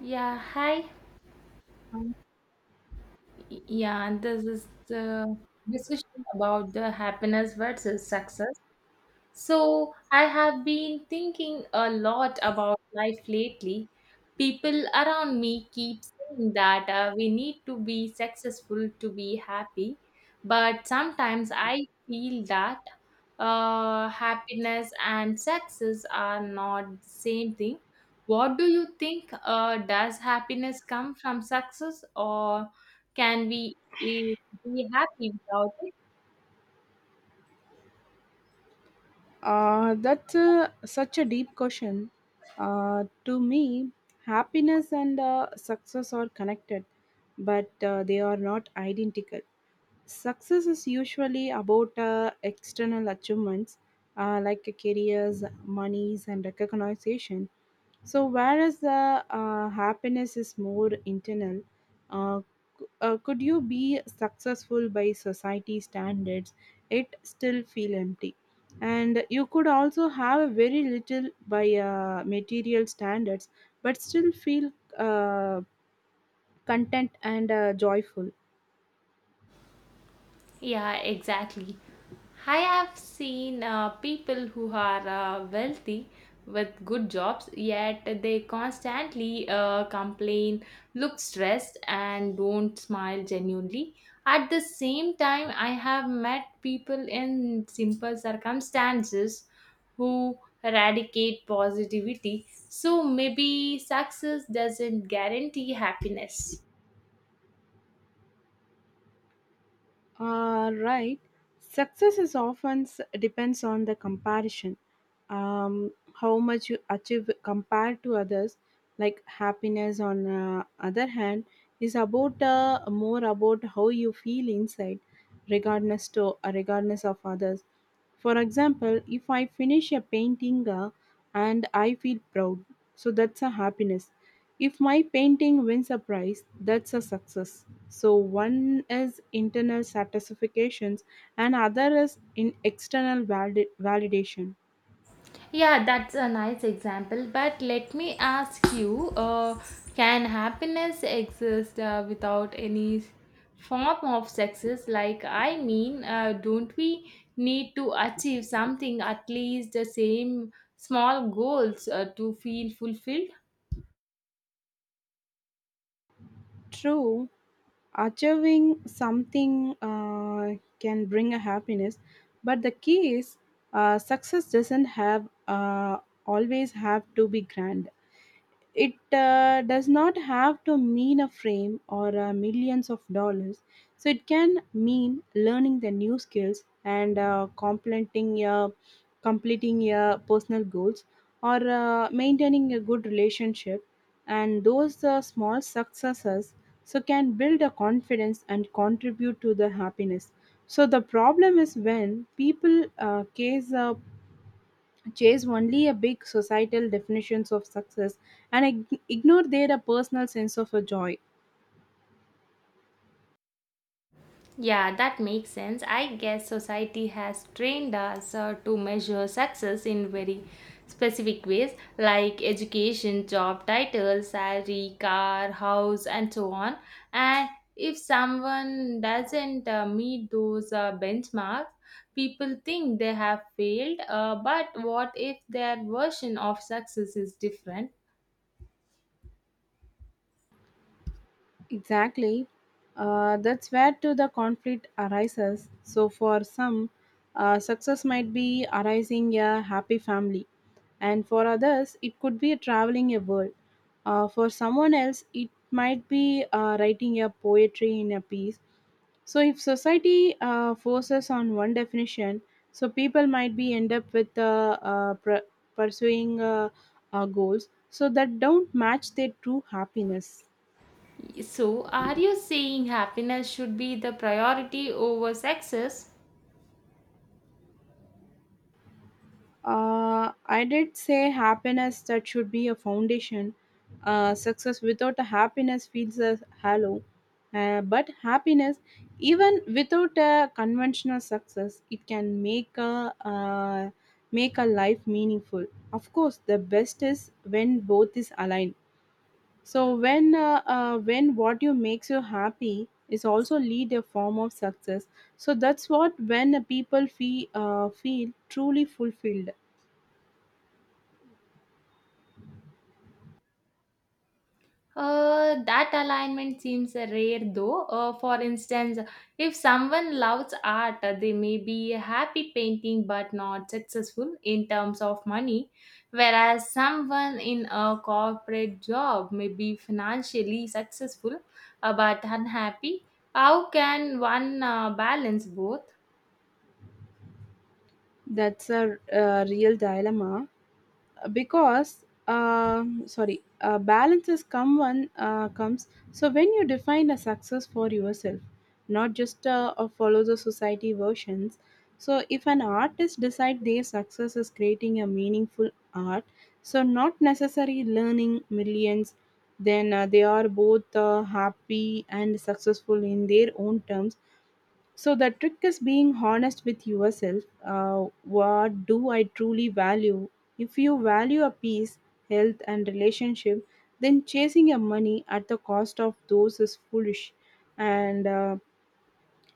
Yeah, hi. Yeah, and this is the discussion about the happiness versus success. So, I have been thinking a lot about life lately. People around me keep saying that we need to be successful to be happy, but sometimes I feel that happiness and success are not the same thing. What do you think? Does happiness come from success, or can we eh, be happy without it? That's such a deep question. To me, happiness and success are connected, but they are not identical. Success is usually about external achievements, like careers, monies, and recognition. So, whereas the happiness is more internal. uh, could you be successful by society standards? It still feel empty, and you could also have a very little by material standards, but still feel uh, content and joyful. Yeah, exactly. I have seen people who are wealthy with good jobs, yet they constantly complain, look stressed, and don't smile genuinely. At the same time, I have met people in simple circumstances who eradicate positivity. So maybe success doesn't guarantee happiness. Right. Success is often depends on the comparison, how much you achieve compared to others, like happiness on other hand is about more about how you feel inside, regardless of others. For example, if I finish a painting, and I feel proud, so that's a happiness. If my painting wins a prize, that's a success. So one is internal satisfactions and other is in external validation. Yeah, that's a nice example. But let me ask you, can happiness exist without any form of success? Like, I mean, don't we need to achieve something, at least the same small goals to feel fulfilled? True. Achieving something can bring a happiness, but the key is, success doesn't have always have to be grand. It does not have to mean a frame or millions of dollars. So it can mean learning the new skills and completing your personal goals, or maintaining a good relationship. And those small successes so can build a confidence and contribute to the happiness. So the problem is when people chase only a big societal definitions of success and ignore their personal sense of a joy. Yeah, that makes sense. I guess society has trained us to measure success in very specific ways like education, job title, salary, car, house, and so on. And if someone doesn't meet those benchmarks, people think they have failed. But what if their version of success is different? Exactly. That's where to the conflict arises, so for some, success might be arising a happy family, and for others it could be traveling a world. For someone else it might be writing a poetry in a piece. So if society forces on one definition, so people might be end up with pursuing goals so that don't match their true happiness. So, are you saying happiness should be the priority over success? I did say happiness that should be a foundation. Success without a happiness feels a hollow. But happiness, even without a conventional success, it can make a life meaningful. Of course, the best is when both is aligned. So when what you makes you happy is also lead a form of success. So that's what when people feel truly fulfilled. That alignment seems rare though. For instance, if someone loves art, they may be happy painting but not successful in terms of money, whereas someone in a corporate job may be financially successful but unhappy. How can one balance both? That's real dilemma because sorry, balance is come one comes. So when you define a success for yourself, not just follow the society versions. So if an artist decide their success is creating a meaningful art, so not necessarily learning millions, then they are both happy and successful in their own terms. So the trick is being honest with yourself. What do I truly value? If you value a peace, health, and relationship, then chasing your money at the cost of those is foolish. And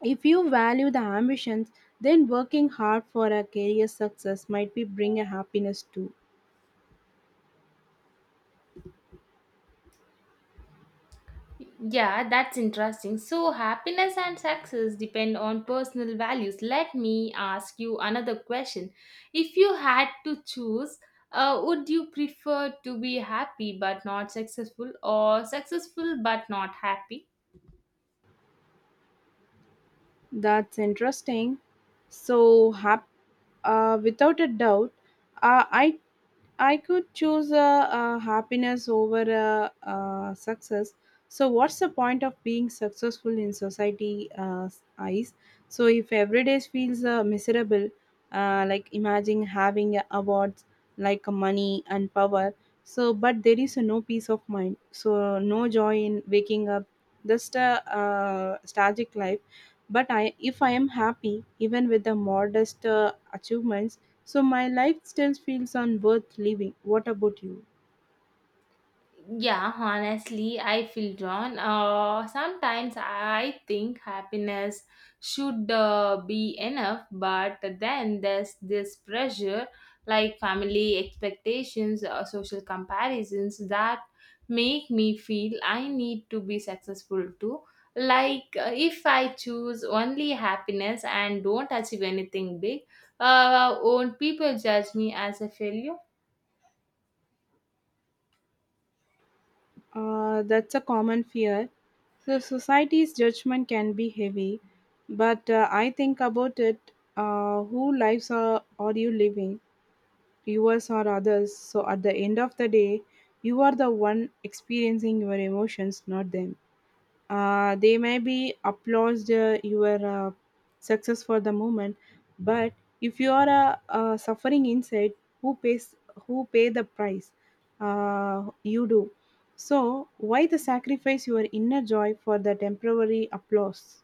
if you value the ambitions, then working hard for a career success might be bring a happiness too. Yeah, that's interesting. So, happiness and success depend on personal values. Let me ask you another question. If you had to choose, would you prefer to be happy but not successful, or successful but not happy? That's interesting. So without a doubt, uh, I I could choose happiness over success. So, what's the point of being successful in society eyes? So, if every day feels miserable, like imagine having awards like money and power. So, but there is no peace of mind. So, no joy in waking up. Just a tragic life. But if I am happy, even with the modest achievements, so my life still feels on worth living. What about you? Yeah, honestly, I feel drawn. Sometimes I think happiness should be enough, but then there's this pressure like family expectations or social comparisons that make me feel I need to be successful too. Like, if I choose only happiness and don't achieve anything big, won't people judge me as a failure? That's a common fear. So society's judgment can be heavy, but I think about it. Who are you living, yours or others? So at the end of the day, you are the one experiencing your emotions, not them. They may be applauded your success for the moment, but if you are suffering inside, who pays who pay the price? You do. So why the sacrifice your inner joy for the temporary applause?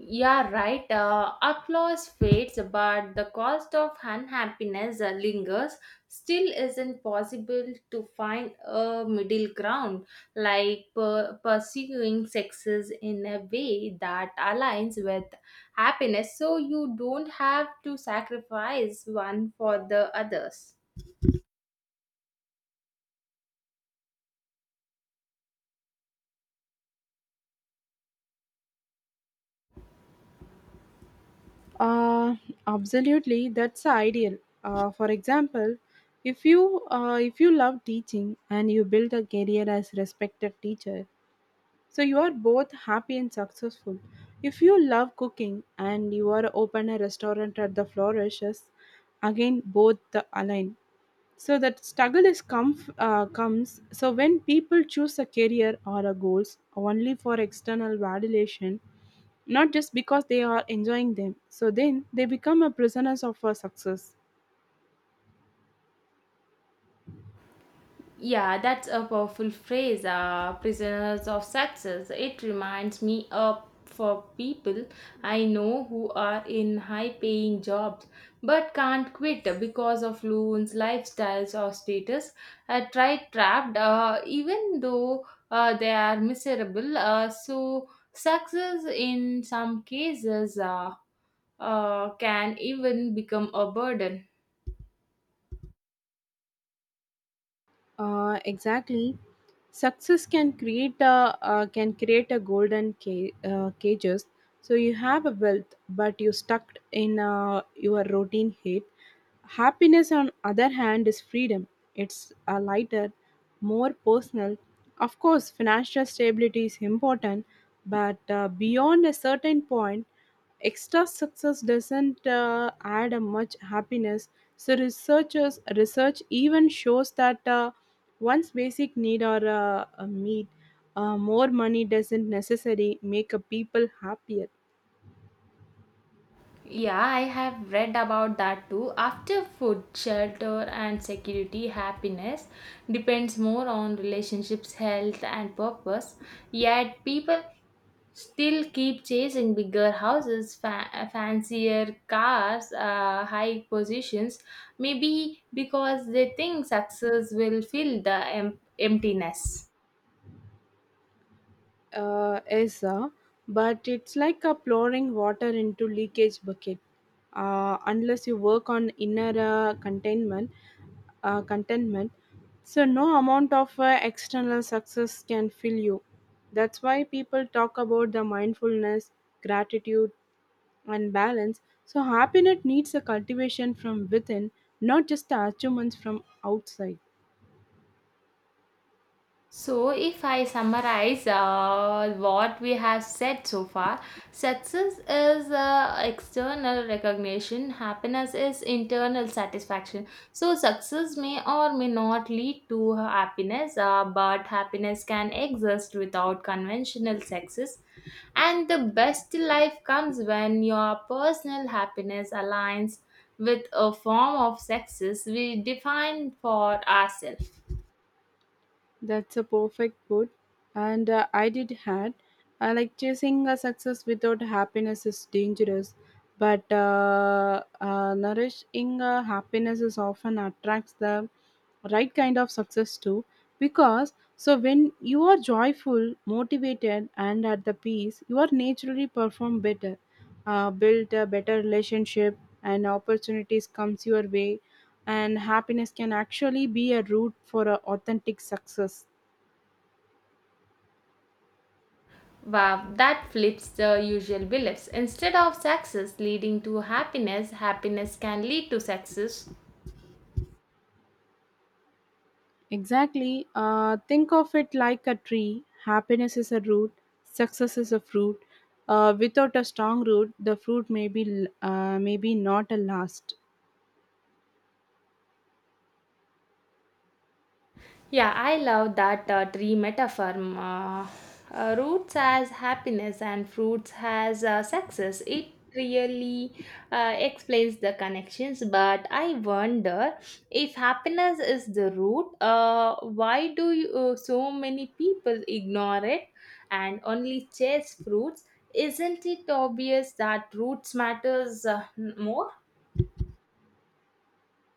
Yeah, right. Applause fades, but the cost of unhappiness lingers. Still, isn't possible to find a middle ground, like pursuing success in a way that aligns with happiness, so you don't have to sacrifice one for the others. Uh, Absolutely, that's ideal. For example, if you love teaching and you build a career as respected teacher, so you are both happy and successful. If you love cooking and you are open a restaurant at the flourishes, again both the align. So that struggle is come comes. So when people choose a career or a goals only for external validation, not just because they are enjoying them, so then they become a prisoners of a success. Yeah, that's a powerful phrase, prisoners of success. It reminds me of for people I know who are in high paying jobs but can't quit because of loans, lifestyles, or status. I tried trapped, even though they are miserable. So, success in some cases can even become a burden. Exactly. Success can create a golden cages. So you have a wealth, but you're stuck in your routine head. Happiness, on other hand, is freedom. It's a lighter, more personal. Of course, financial stability is important, but beyond a certain point, extra success doesn't add a much happiness. So research even shows that once basic need are met, more money doesn't necessarily make a people happier. Yeah, I have read about that too. After food, shelter, and security, happiness depends more on relationships, health, and purpose. Yet, people still keep chasing bigger houses, fancier cars, high positions, maybe because they think success will fill the emptiness. Is But it's like a pouring water into leakage bucket. Unless you work on inner contentment, so no amount of external success can fill you. That's why people talk about the mindfulness, gratitude, and balance. So happiness needs a cultivation from within, not just the achievements from outside. So, if I summarize what we have said so far, success is external recognition, happiness is internal satisfaction. So, success may or may not lead to happiness, but happiness can exist without conventional success. And the best life comes when your personal happiness aligns with a form of success we define for ourselves. That's a perfect put. And I did had. I like chasing a success without happiness is dangerous, but nourishing happiness is often attracts the right kind of success too. Because so when you are joyful, motivated, and at the peace, you are naturally perform better, build a better relationship, and opportunities comes your way, and happiness can actually be a route for a authentic success. Wow, that flips the usual beliefs. Instead of success leading to happiness, happiness can lead to success. Exactly. Think of it like a tree. Happiness is a root, success is a fruit. Without a strong root, the fruit maybe not a last. Yeah, I love that tree metaphor. Roots as happiness and fruits as success. It really explains the connections, but I wonder if happiness is the root, so many people ignore it and only chase fruits? Isn't it obvious that roots matters more?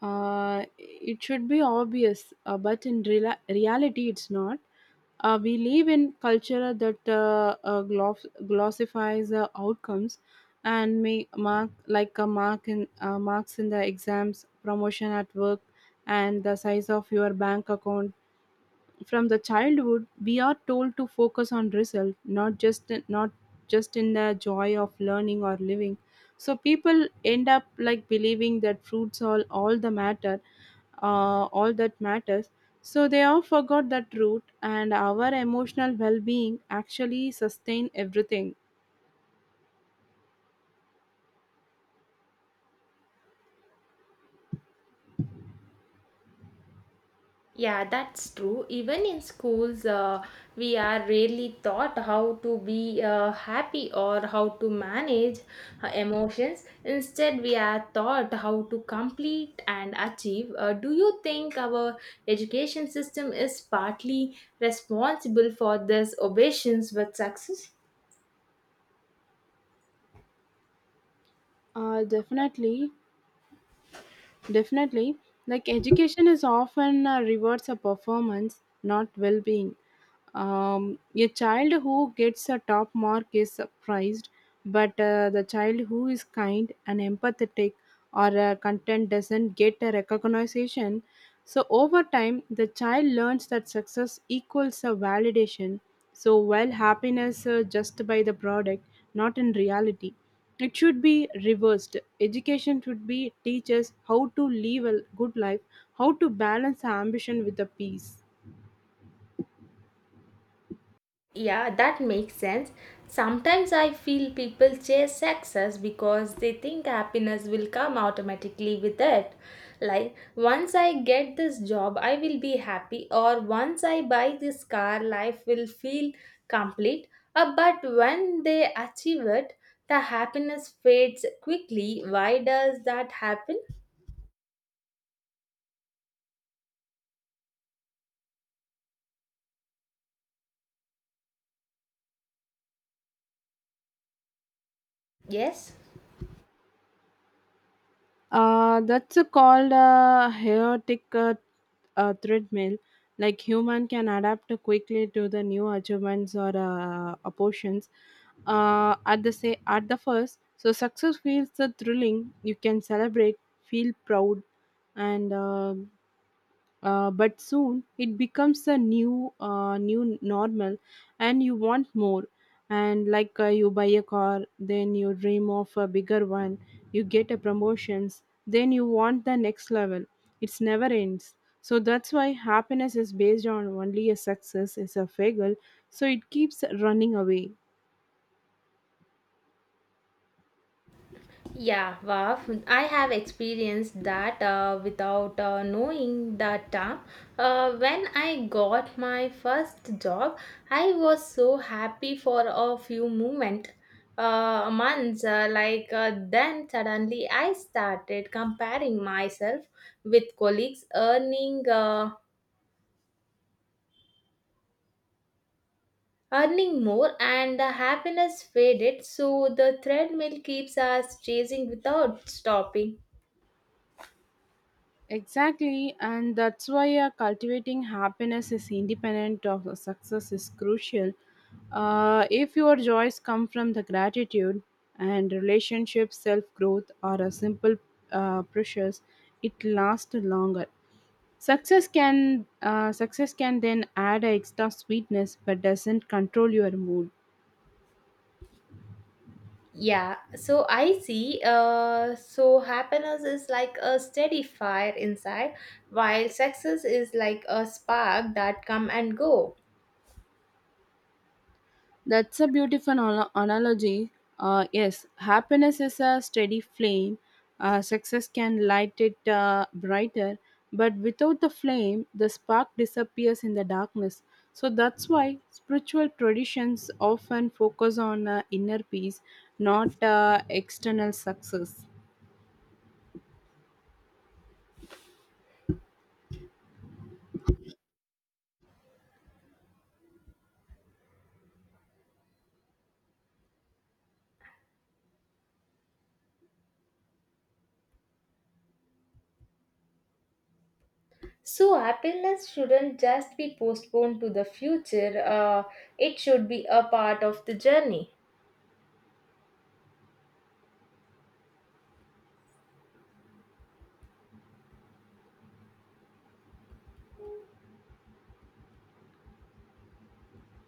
It should be obvious, but in reala reality, it's not. We live in culture that glossifies outcomes, and may mark like a mark in marks in the exams, promotion at work, and the size of your bank account. From the childhood, we are told to focus on result, not just in the joy of learning or living. So people end up like believing that fruits are all that matters. So they all forgot that root, and our emotional well-being actually sustain everything. Yeah, that's true. Even in schools, we are rarely taught how to be happy or how to manage emotions. Instead, we are taught how to complete and achieve. Do you think our education system is partly responsible for this obsessions with success? Definitely, definitely. Like education is often rewards a performance, not well-being. A child who gets a top mark is surprised, but the child who is kind and empathetic or content doesn't get a recognition. So, over time, the child learns that success equals a validation. So, while happiness just by the product, not in reality. It should be reversed. Education should be teach us how to live a good life, how to balance ambition with the peace. Yeah, that makes sense. Sometimes I feel people chase success because they think happiness will come automatically with it. Like, once I get this job, I will be happy, or once I buy this car, life will feel complete. But when they achieve it, the happiness fades quickly. Why does that happen? Yes. That's a called a chaotic treadmill. Like human can adapt quickly to the new achievements or opportions. At the first, so success feels the thrilling. You can celebrate, feel proud, and but soon it becomes a new normal, and you want more. And like you buy a car, then you dream of a bigger one. You get a promotions, then you want the next level. It's never ends. So that's why happiness is based on only a success is a fagel, so it keeps running away. Yeah, wow. I have experienced that without knowing that term. When I got my first job, I was so happy for a few moment, months. Then suddenly I started comparing myself with colleagues earning. Earning more and the happiness faded, so the treadmill keeps us chasing without stopping. Exactly, and that's why cultivating happiness is independent of success is crucial. If your joys come from the gratitude and relationship, self growth, or a simple precious, it lasts longer. Success can then add a extra sweetness, but doesn't control your mood. Yeah, so I see. So happiness is like a steady fire inside, while success is like a spark that come and go. That's a beautiful analogy. Yes, happiness is a steady flame. Success can light it brighter, but without the flame, the spark disappears in the darkness. So that's why spiritual traditions often focus on inner peace, not external success. So happiness shouldn't just be postponed to the future. It should be a part of the journey.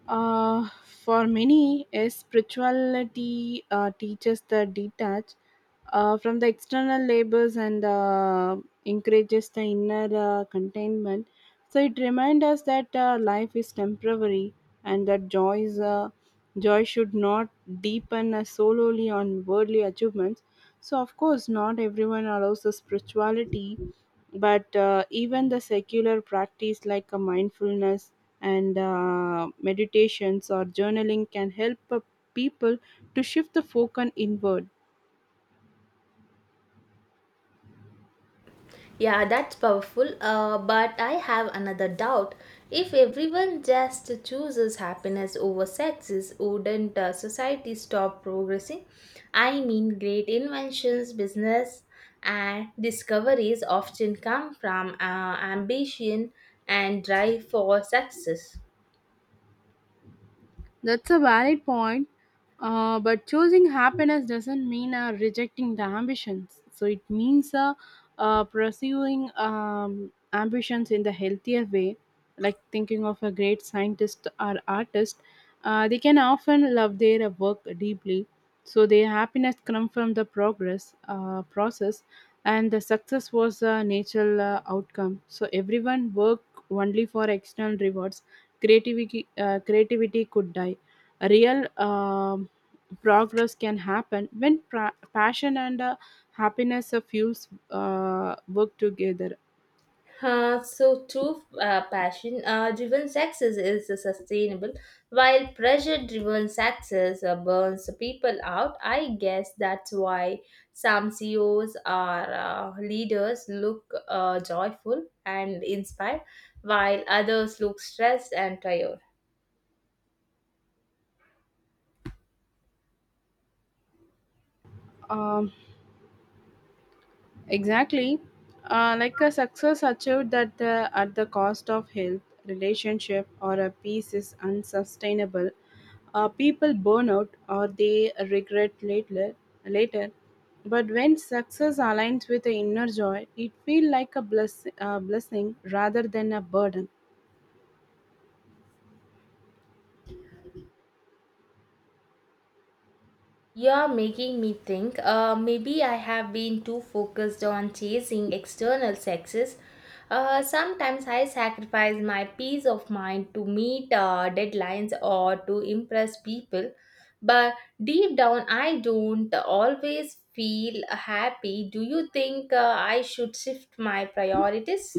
For many, a spirituality teaches the detach from the external labors and encourages the inner contentment. So it reminds us that life is temporary, and that joy should not deepen solely on worldly achievements. So of course, not everyone allows the spirituality, but even the secular practice like a mindfulness and meditations or journaling can help people to shift the focus inward. Yeah, that's powerful. But I have another doubt. If everyone just chooses happiness over success, wouldn't society stop progressing? I mean, great inventions, business, and discoveries often come from ambition and drive for success. That's a valid point, but choosing happiness doesn't mean rejecting the ambitions. So it means pursuing ambitions in the healthier way, like thinking of a great scientist or artist. They can often love their work deeply, so their happiness comes from the progress process, and the success was a natural outcome. So everyone work only for external rewards. Creativity could die real progress can happen when passion and happiness fuels work together So true passion driven success is sustainable while pressure driven success burns people out. I guess that's why some ceos or leaders look joyful and inspired while others look stressed and tired. um, exactly like a success achieved that at the cost of health relationship or a peace is unsustainable. People burn out or they regret later, but when success aligns with the inner joy it feels like a blessing rather than a burden. You're making me think. Maybe I have been too focused on chasing external success. Sometimes I sacrifice my peace of mind to meet deadlines or to impress people. But deep down, I don't always feel happy. Do you think I should shift my priorities?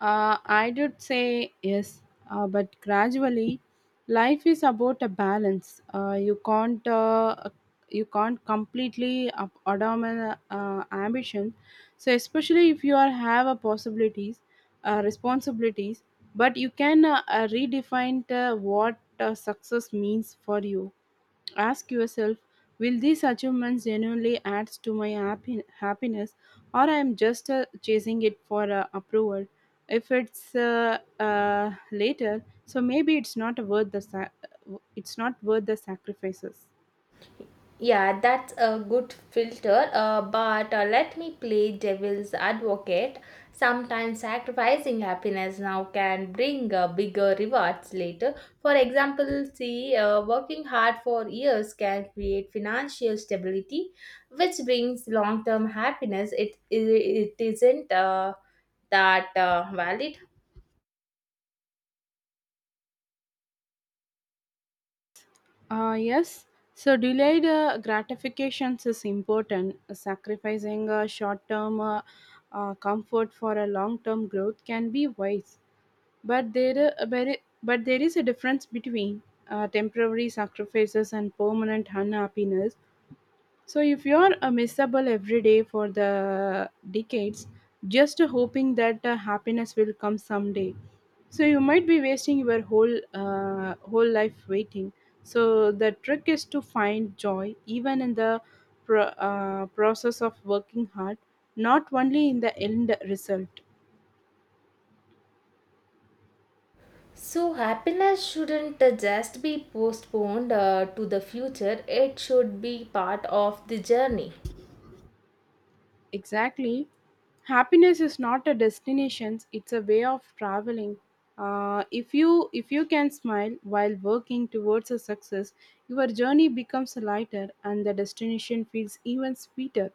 I would say yes, but gradually, life is about a balance. You can't completely abandon ambition. So especially if you are have a possibilities, responsibilities, but you can redefine what success means for you. Ask yourself, will these achievements genuinely add to my happiness, or I am just chasing it for approval? If it's later, so maybe it's not worth the sacrifices. Yeah, that's a good filter. But Let me play devil's advocate. Sometimes sacrificing happiness now can bring bigger rewards later. For example, see, working hard for years can create financial stability, which brings long term happiness. It isn't that valid. Yes. So delayed gratifications is important. Sacrificing short-term comfort for a long-term growth can be wise. But there is a difference between temporary sacrifices and permanent unhappiness. So if you are miserable every day for the decades, just hoping that happiness will come someday, so you might be wasting your whole life waiting. So the trick is to find joy even in the process of working hard, not only in the end result. So, happiness shouldn't just be postponed to the future, it should be part of the journey. Exactly. Happiness is not a destination, it's a way of traveling. If you can smile while working towards a success, your journey becomes lighter and the destination feels even sweeter.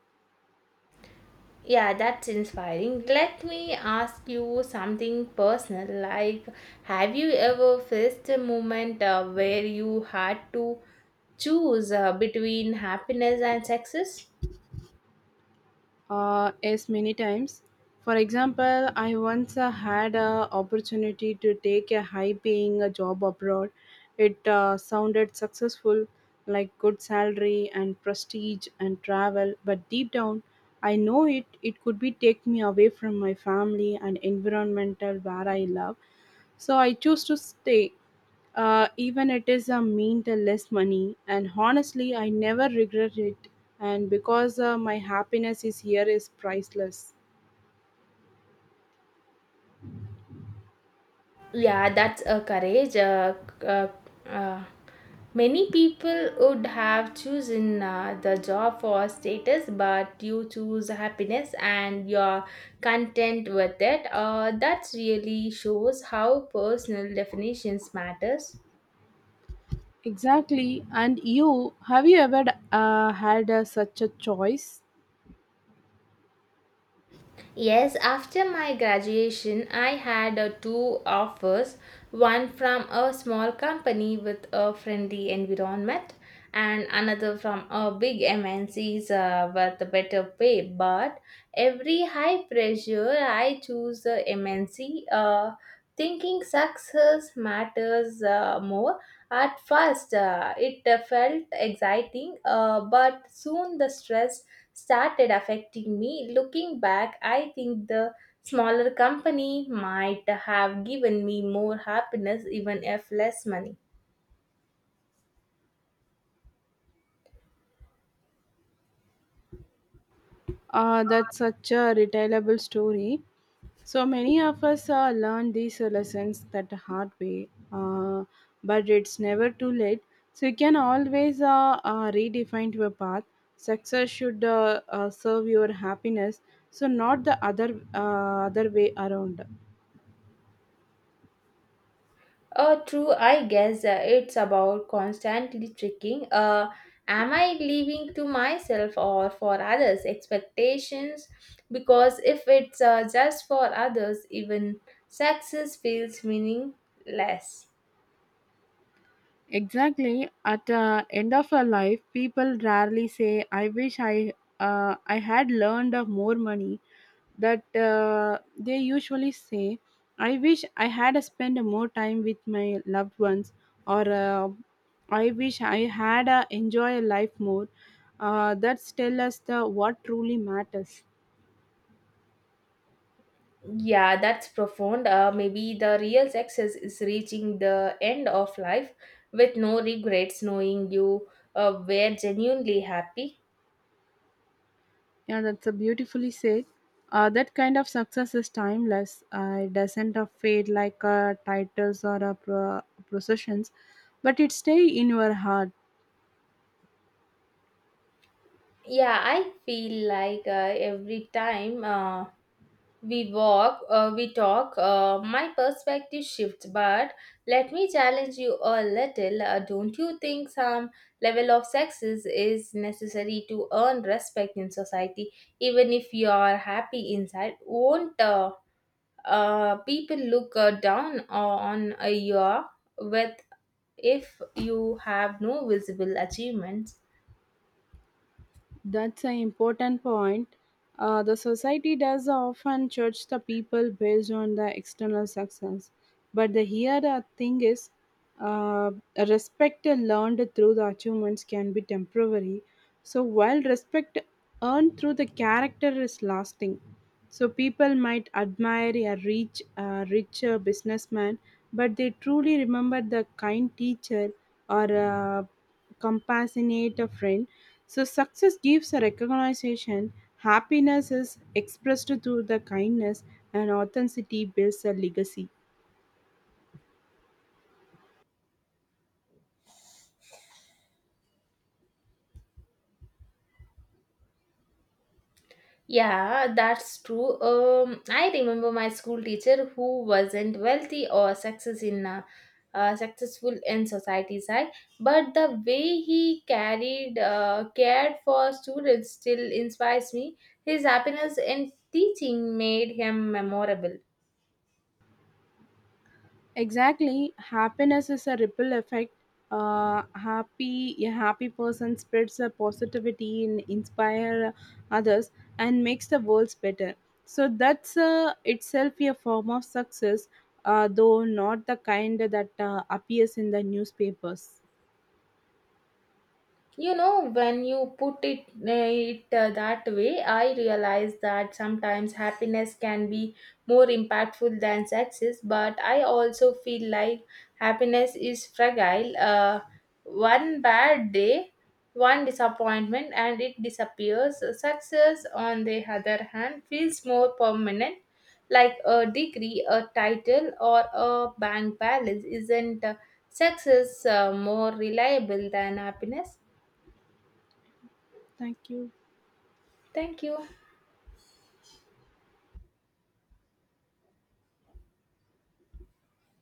Yeah, that's inspiring. Let me ask you something personal. Like, have you ever faced a moment where you had to choose between happiness and success? Yes, many times. For example, I once had an opportunity to take a high-paying job abroad. It sounded successful, like good salary and prestige and travel. But deep down, I know it could be take me away from my family and environmental where I love. So I choose to stay. Even it is a mean the less money, and honestly I never regret it, and because my happiness is here is priceless. Yeah, that's a courage. C- uh, uh, Many people would have chosen the job for status, but you choose happiness and you're content with it. That really shows how personal definitions matters. Exactly. And you, have you ever had such a choice? Yes, after my graduation, I had two offers one from a small company with a friendly environment, and another from a big MNC's with a better pay. But every high pressure, I choose the MNC, thinking success matters more. At first, it felt exciting, but soon the stress started affecting me. Looking back, I think the smaller company might have given me more happiness, even if less money. That's such a retailable story. So many of us learn these lessons that hard way, but it's never too late. So you can always redefine your path. Success should serve your happiness, so not the other way around. True, I guess it's about constantly tricking. Am I living to myself or for others' expectations? Because if it's just for others, even success feels meaningless. Exactly. At the end of a life, people rarely say, "I wish I had learned of more money." That They usually say, "I wish I had spent more time with my loved ones," or "I wish I had enjoyed life more." That tell us the what truly matters. Yeah, that's profound. Maybe the real success is reaching the end of life with no regrets, knowing you were genuinely happy. Yeah, that's a beautifully said. That kind of success is timeless. It doesn't fade like titles or processions, but it stay in your heart. Yeah, I feel like every time. We walk, we talk, my perspective shifts, but let me challenge you a little. Don't you think some level of sexism is necessary to earn respect in society? Even if you are happy inside, won't people look down on you with if you have no visible achievements? That's an important point. The society does often judge the people based on the external success. But the here the thing is, uh, respect learned through the achievements can be temporary. So while respect earned through the character is lasting, so people might admire a rich businessman, but they truly remember the kind teacher or a compassionate friend. So success gives a recognition, happiness is expressed through the kindness, and authenticity builds a legacy. Yeah, that's true. I remember my school teacher who wasn't wealthy or success in successful in society's eye, but the way he carried cared for students still inspires me. His happiness in teaching made him memorable. Exactly, happiness is a ripple effect. Happy a happy person spreads a positivity and inspire others and makes the world better. So that's itself a form of success, though not the kind that appears in the newspapers. You know, when you put it, that way, I realize that sometimes happiness can be more impactful than success, but I also feel like happiness is fragile. One bad day, one disappointment, and it disappears. Success, on the other hand, feels more permanent, like a degree, a title, or a bank balance. Isn't success more reliable than happiness? Thank you. Thank you.